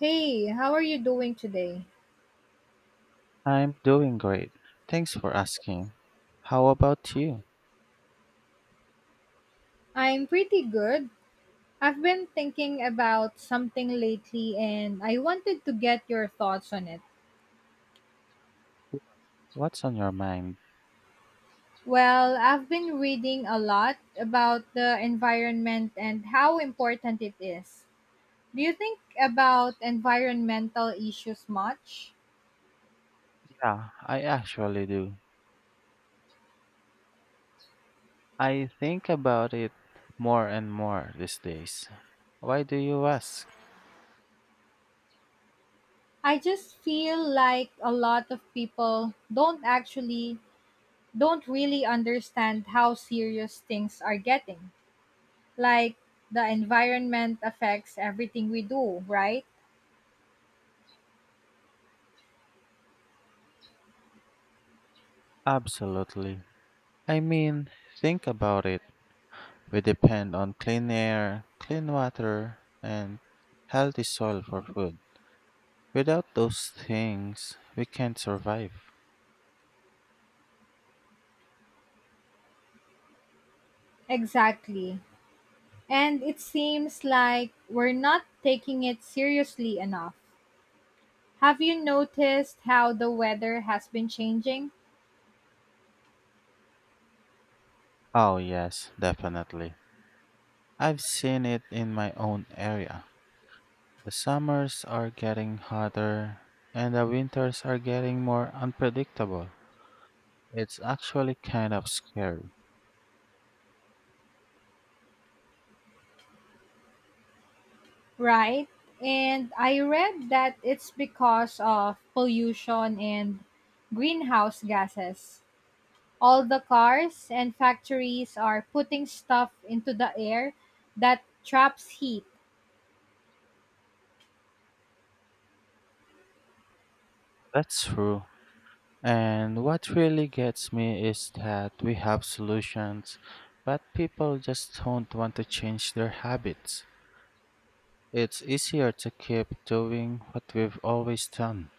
Hey, how are you doing today? I'm doing great. Thanks for asking. How about you? I'm pretty good. I've been thinking about something lately and I wanted to get your thoughts on it. What's on your mind? Well, I've been reading a lot about the environment and how important it is. Do you think about environmental issues much? Yeah, I actually do. I think about it more and more these days. Why do you ask? I just feel like a lot of people don't really understand how serious things are getting. Like, the environment affects everything we do, right? Absolutely. I mean, think about it. We depend on clean air, clean water, and healthy soil for food. Without those things, we can't survive. Exactly. And it seems like we're not taking it seriously enough. Have you noticed how the weather has been changing? Oh, yes, definitely. I've seen it in my own area. The summers are getting hotter and the winters are getting more unpredictable. It's actually kind of scary. Right? And I read that it's because of pollution and greenhouse gases. All the cars and factories are putting stuff into the air that traps heat. That's true. And what really gets me is that we have solutions, but people just don't want to change their habits. It's easier to keep doing what we've always done.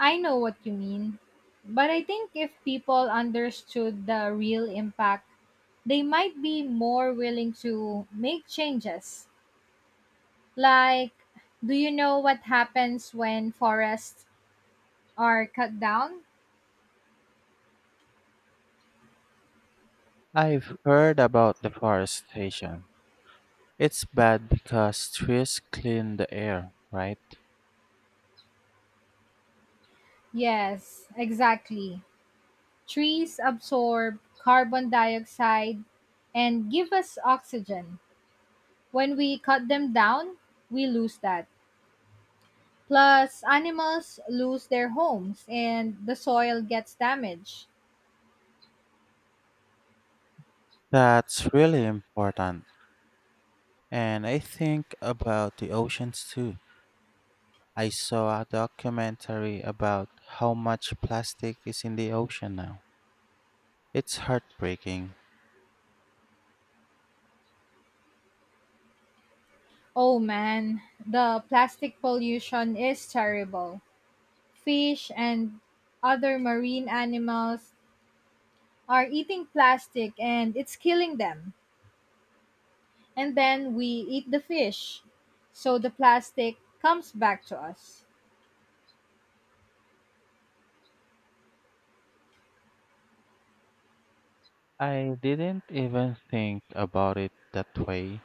I know what you mean. But I think if people understood the real impact, they might be more willing to make changes. Like, do you know what happens when forests are cut down? I've heard about deforestation. It's bad because trees clean the air, right? Yes, exactly. Trees absorb carbon dioxide and give us oxygen. When we cut them down, we lose that. Plus, animals lose their homes and the soil gets damaged. That's really important. And I think about the oceans too. I saw a documentary about how much plastic is in the ocean now. It's heartbreaking. Oh man, the plastic pollution is terrible. Fish and other marine animals are eating plastic and it's killing them. And then we eat the fish. So the plastic comes back to us. I didn't even think about it that way.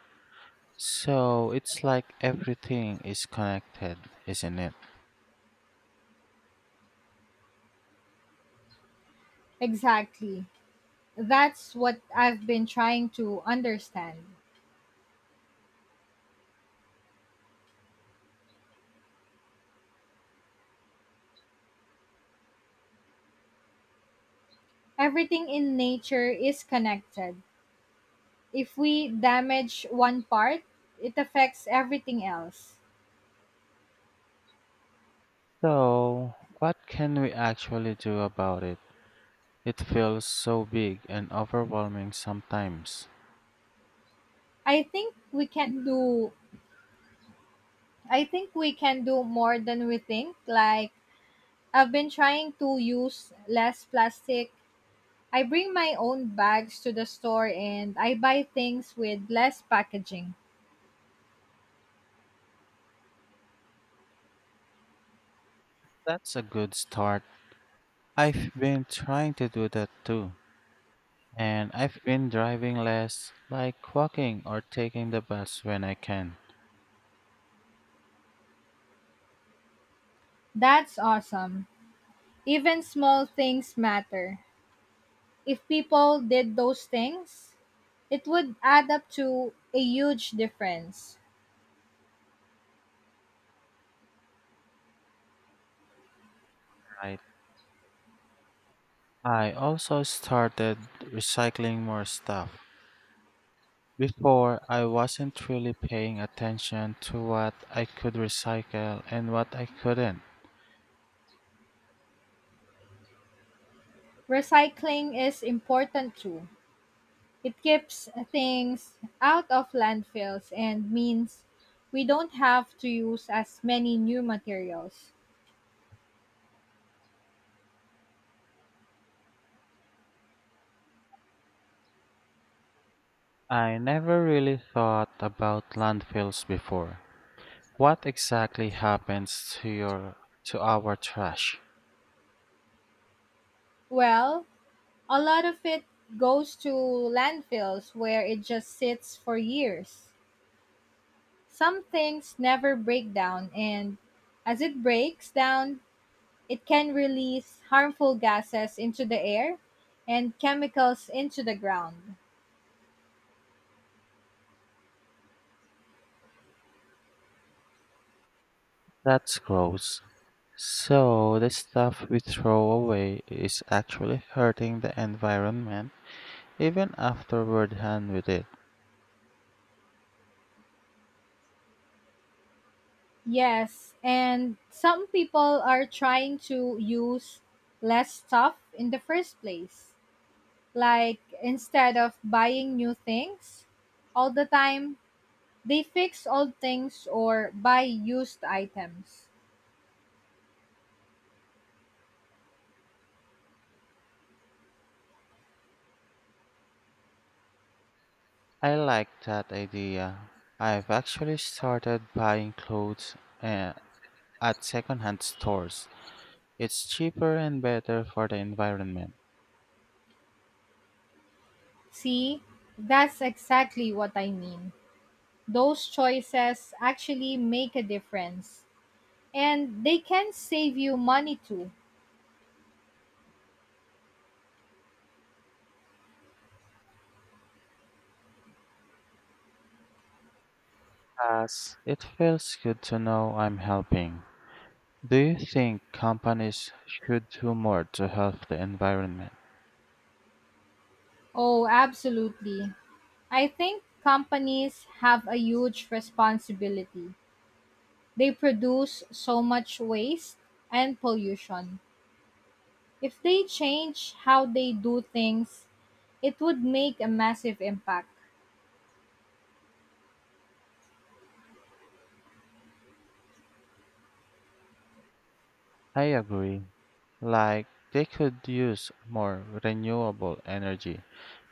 So it's like everything is connected, isn't it? Exactly. That's what I've been trying to understand. Everything in nature is connected. If we damage one part, it affects everything else. So, what can we actually do about it? It feels so big and overwhelming sometimes. I think we can do I think we can do more than we think. Like, I've been trying to use less plastic. I bring my own bags to the store and I buy things with less packaging. That's a good start. I've been trying to do that too. And I've been driving less, like walking or taking the bus when I can. That's awesome. Even small things matter. If people did those things, it would add up to a huge difference. Right. I also started recycling more stuff. Before, I wasn't really paying attention to what I could recycle and what I couldn't. Recycling is important too. It keeps things out of landfills and means we don't have to use as many new materials. I never really thought about landfills before. What exactly happens to your to our trash? Well, a lot of it goes to landfills where it just sits for years. Some things never break down, and as it breaks down, it can release harmful gases into the air and chemicals into the ground. That's gross. So the stuff we throw away is actually hurting the environment even after we're done with it. Yes, and some people are trying to use less stuff in the first place. Like, instead of buying new things all the time, they fix old things or buy used items. I like that idea. I've actually started buying clothes uh, at secondhand stores. It's cheaper and better for the environment. See, that's exactly what I mean. Those choices actually make a difference, and they can save you money too. Plus, it feels good to know I'm helping. Do you think companies should do more to help the environment? Oh, absolutely. I think companies have a huge responsibility. They produce so much waste and pollution. If they change how they do things, it would make a massive impact, I agree. Like, they could use more renewable energy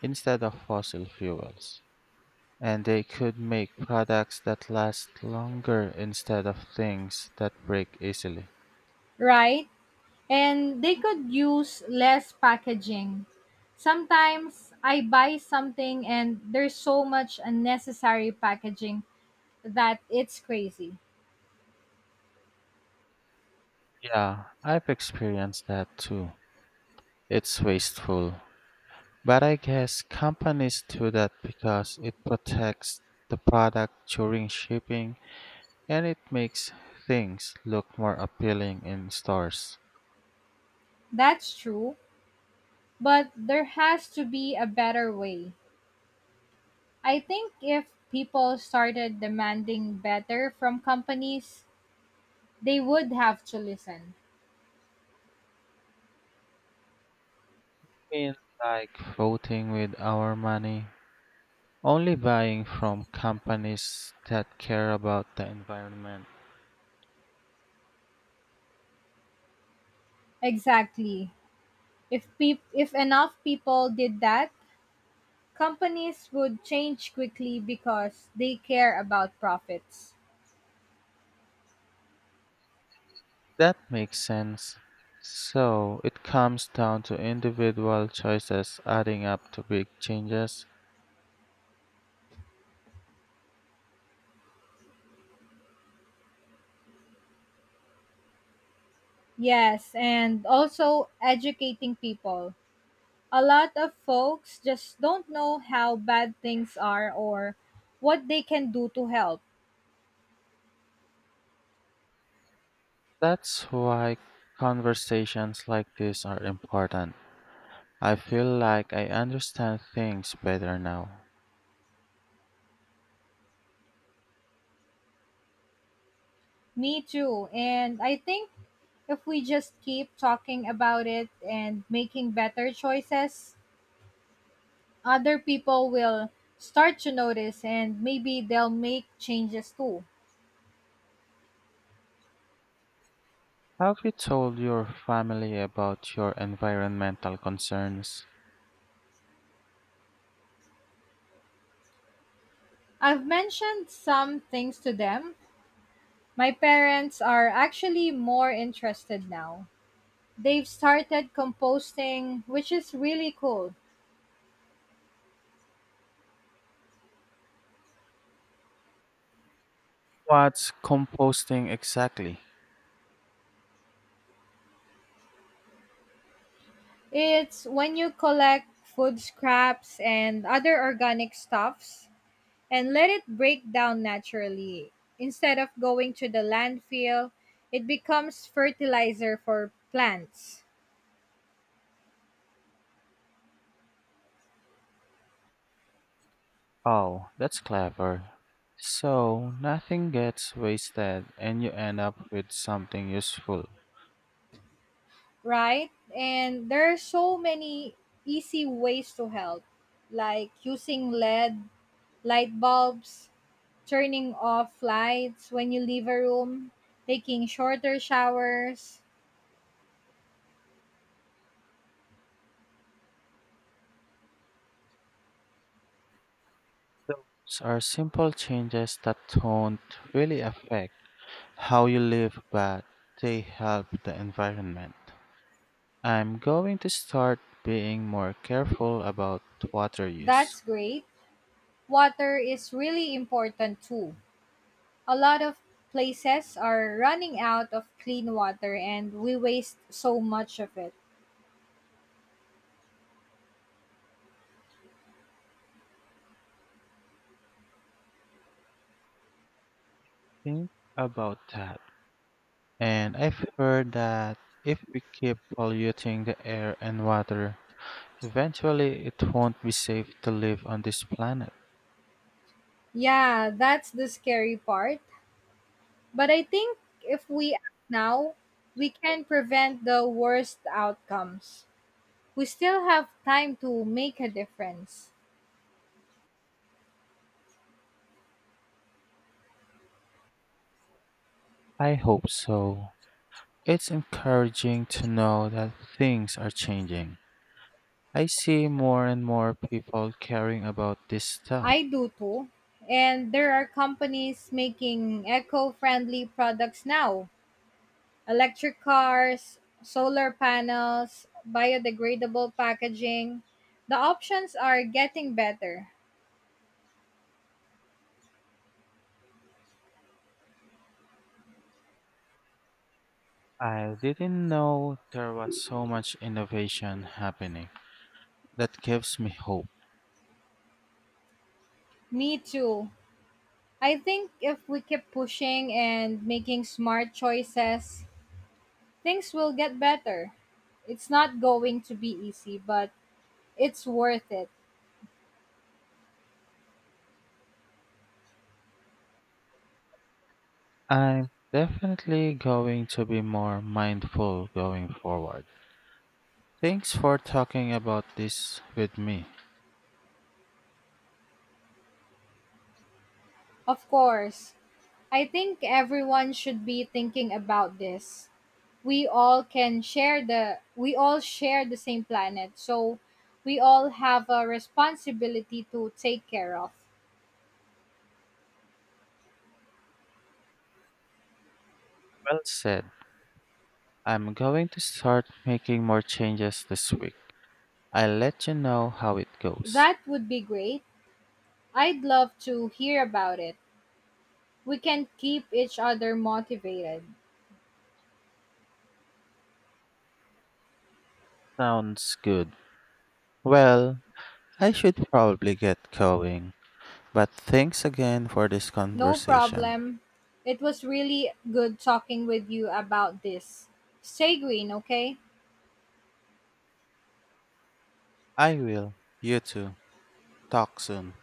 instead of fossil fuels. And they could make products that last longer instead of things that break easily. right? And they could use less packaging. Sometimes I buy something and there's so much unnecessary packaging that it's crazy. Yeah, I've experienced that too. It's wasteful. But I guess companies do that because it protects the product during shipping and it makes things look more appealing in stores. That's true, but there has to be a better way. I think if people started demanding better from companies, they would have to listen. Mean, like, voting with our money, only buying from companies that care about the environment. Exactly. If enough people did that, companies would change quickly because they care about profits. That makes sense. So it comes down to individual choices adding up to big changes. Yes, and also educating people. A lot of folks just don't know how bad things are or what they can do to help. That's why conversations like this are important. I feel like I understand things better now. Me too. And I think if we just keep talking about it and making better choices, other people will start to notice and maybe they'll make changes too. Have you told your family about your environmental concerns? I've mentioned some things to them. My parents are actually more interested now. They've started composting, which is really cool. What's composting exactly? It's when you collect food scraps and other organic stuffs and let it break down naturally. Instead of going to the landfill, it becomes fertilizer for plants, Oh, that's clever. So nothing gets wasted and you end up with something useful. right? And there are so many easy ways to help, like using LED light bulbs, turning off lights when you leave a room, taking shorter showers. Those are simple changes that don't really affect how you live, but they help the environment. I'm going to start being more careful about water use. That's great. Water is really important too. A lot of places are running out of clean water and we waste so much of it. Think about that. And I've heard that if we keep polluting the air and water, eventually, it won't be safe to live on this planet. Yeah, that's the scary part. But I think if we act now, we can prevent the worst outcomes. We still have time to make a difference. I hope so. It's encouraging to know that things are changing. I see more and more people caring about this I stuff. do too. And there are companies making eco friendly products now. Electric cars, solar panels, biodegradable packaging. The options are getting better. I didn't know there was so much innovation happening. That gives me hope. Me too. I think if we keep pushing and making smart choices, things will get better. It's not going to be easy, but it's worth it. I'm definitely going to be more mindful going forward. Thanks for talking about this with me. Of course. I think everyone should be thinking about this. We all share the same planet. So we all have a responsibility to take care of. Well said. I'm going to start making more changes this week. I'll let you know how it goes. That would be great. I'd love to hear about it. We can keep each other motivated. Sounds good. Well, I should probably get going. But thanks again for this No conversation. problem. It was really good talking with you about this. Stay green, okay? I will. You too. Talk soon.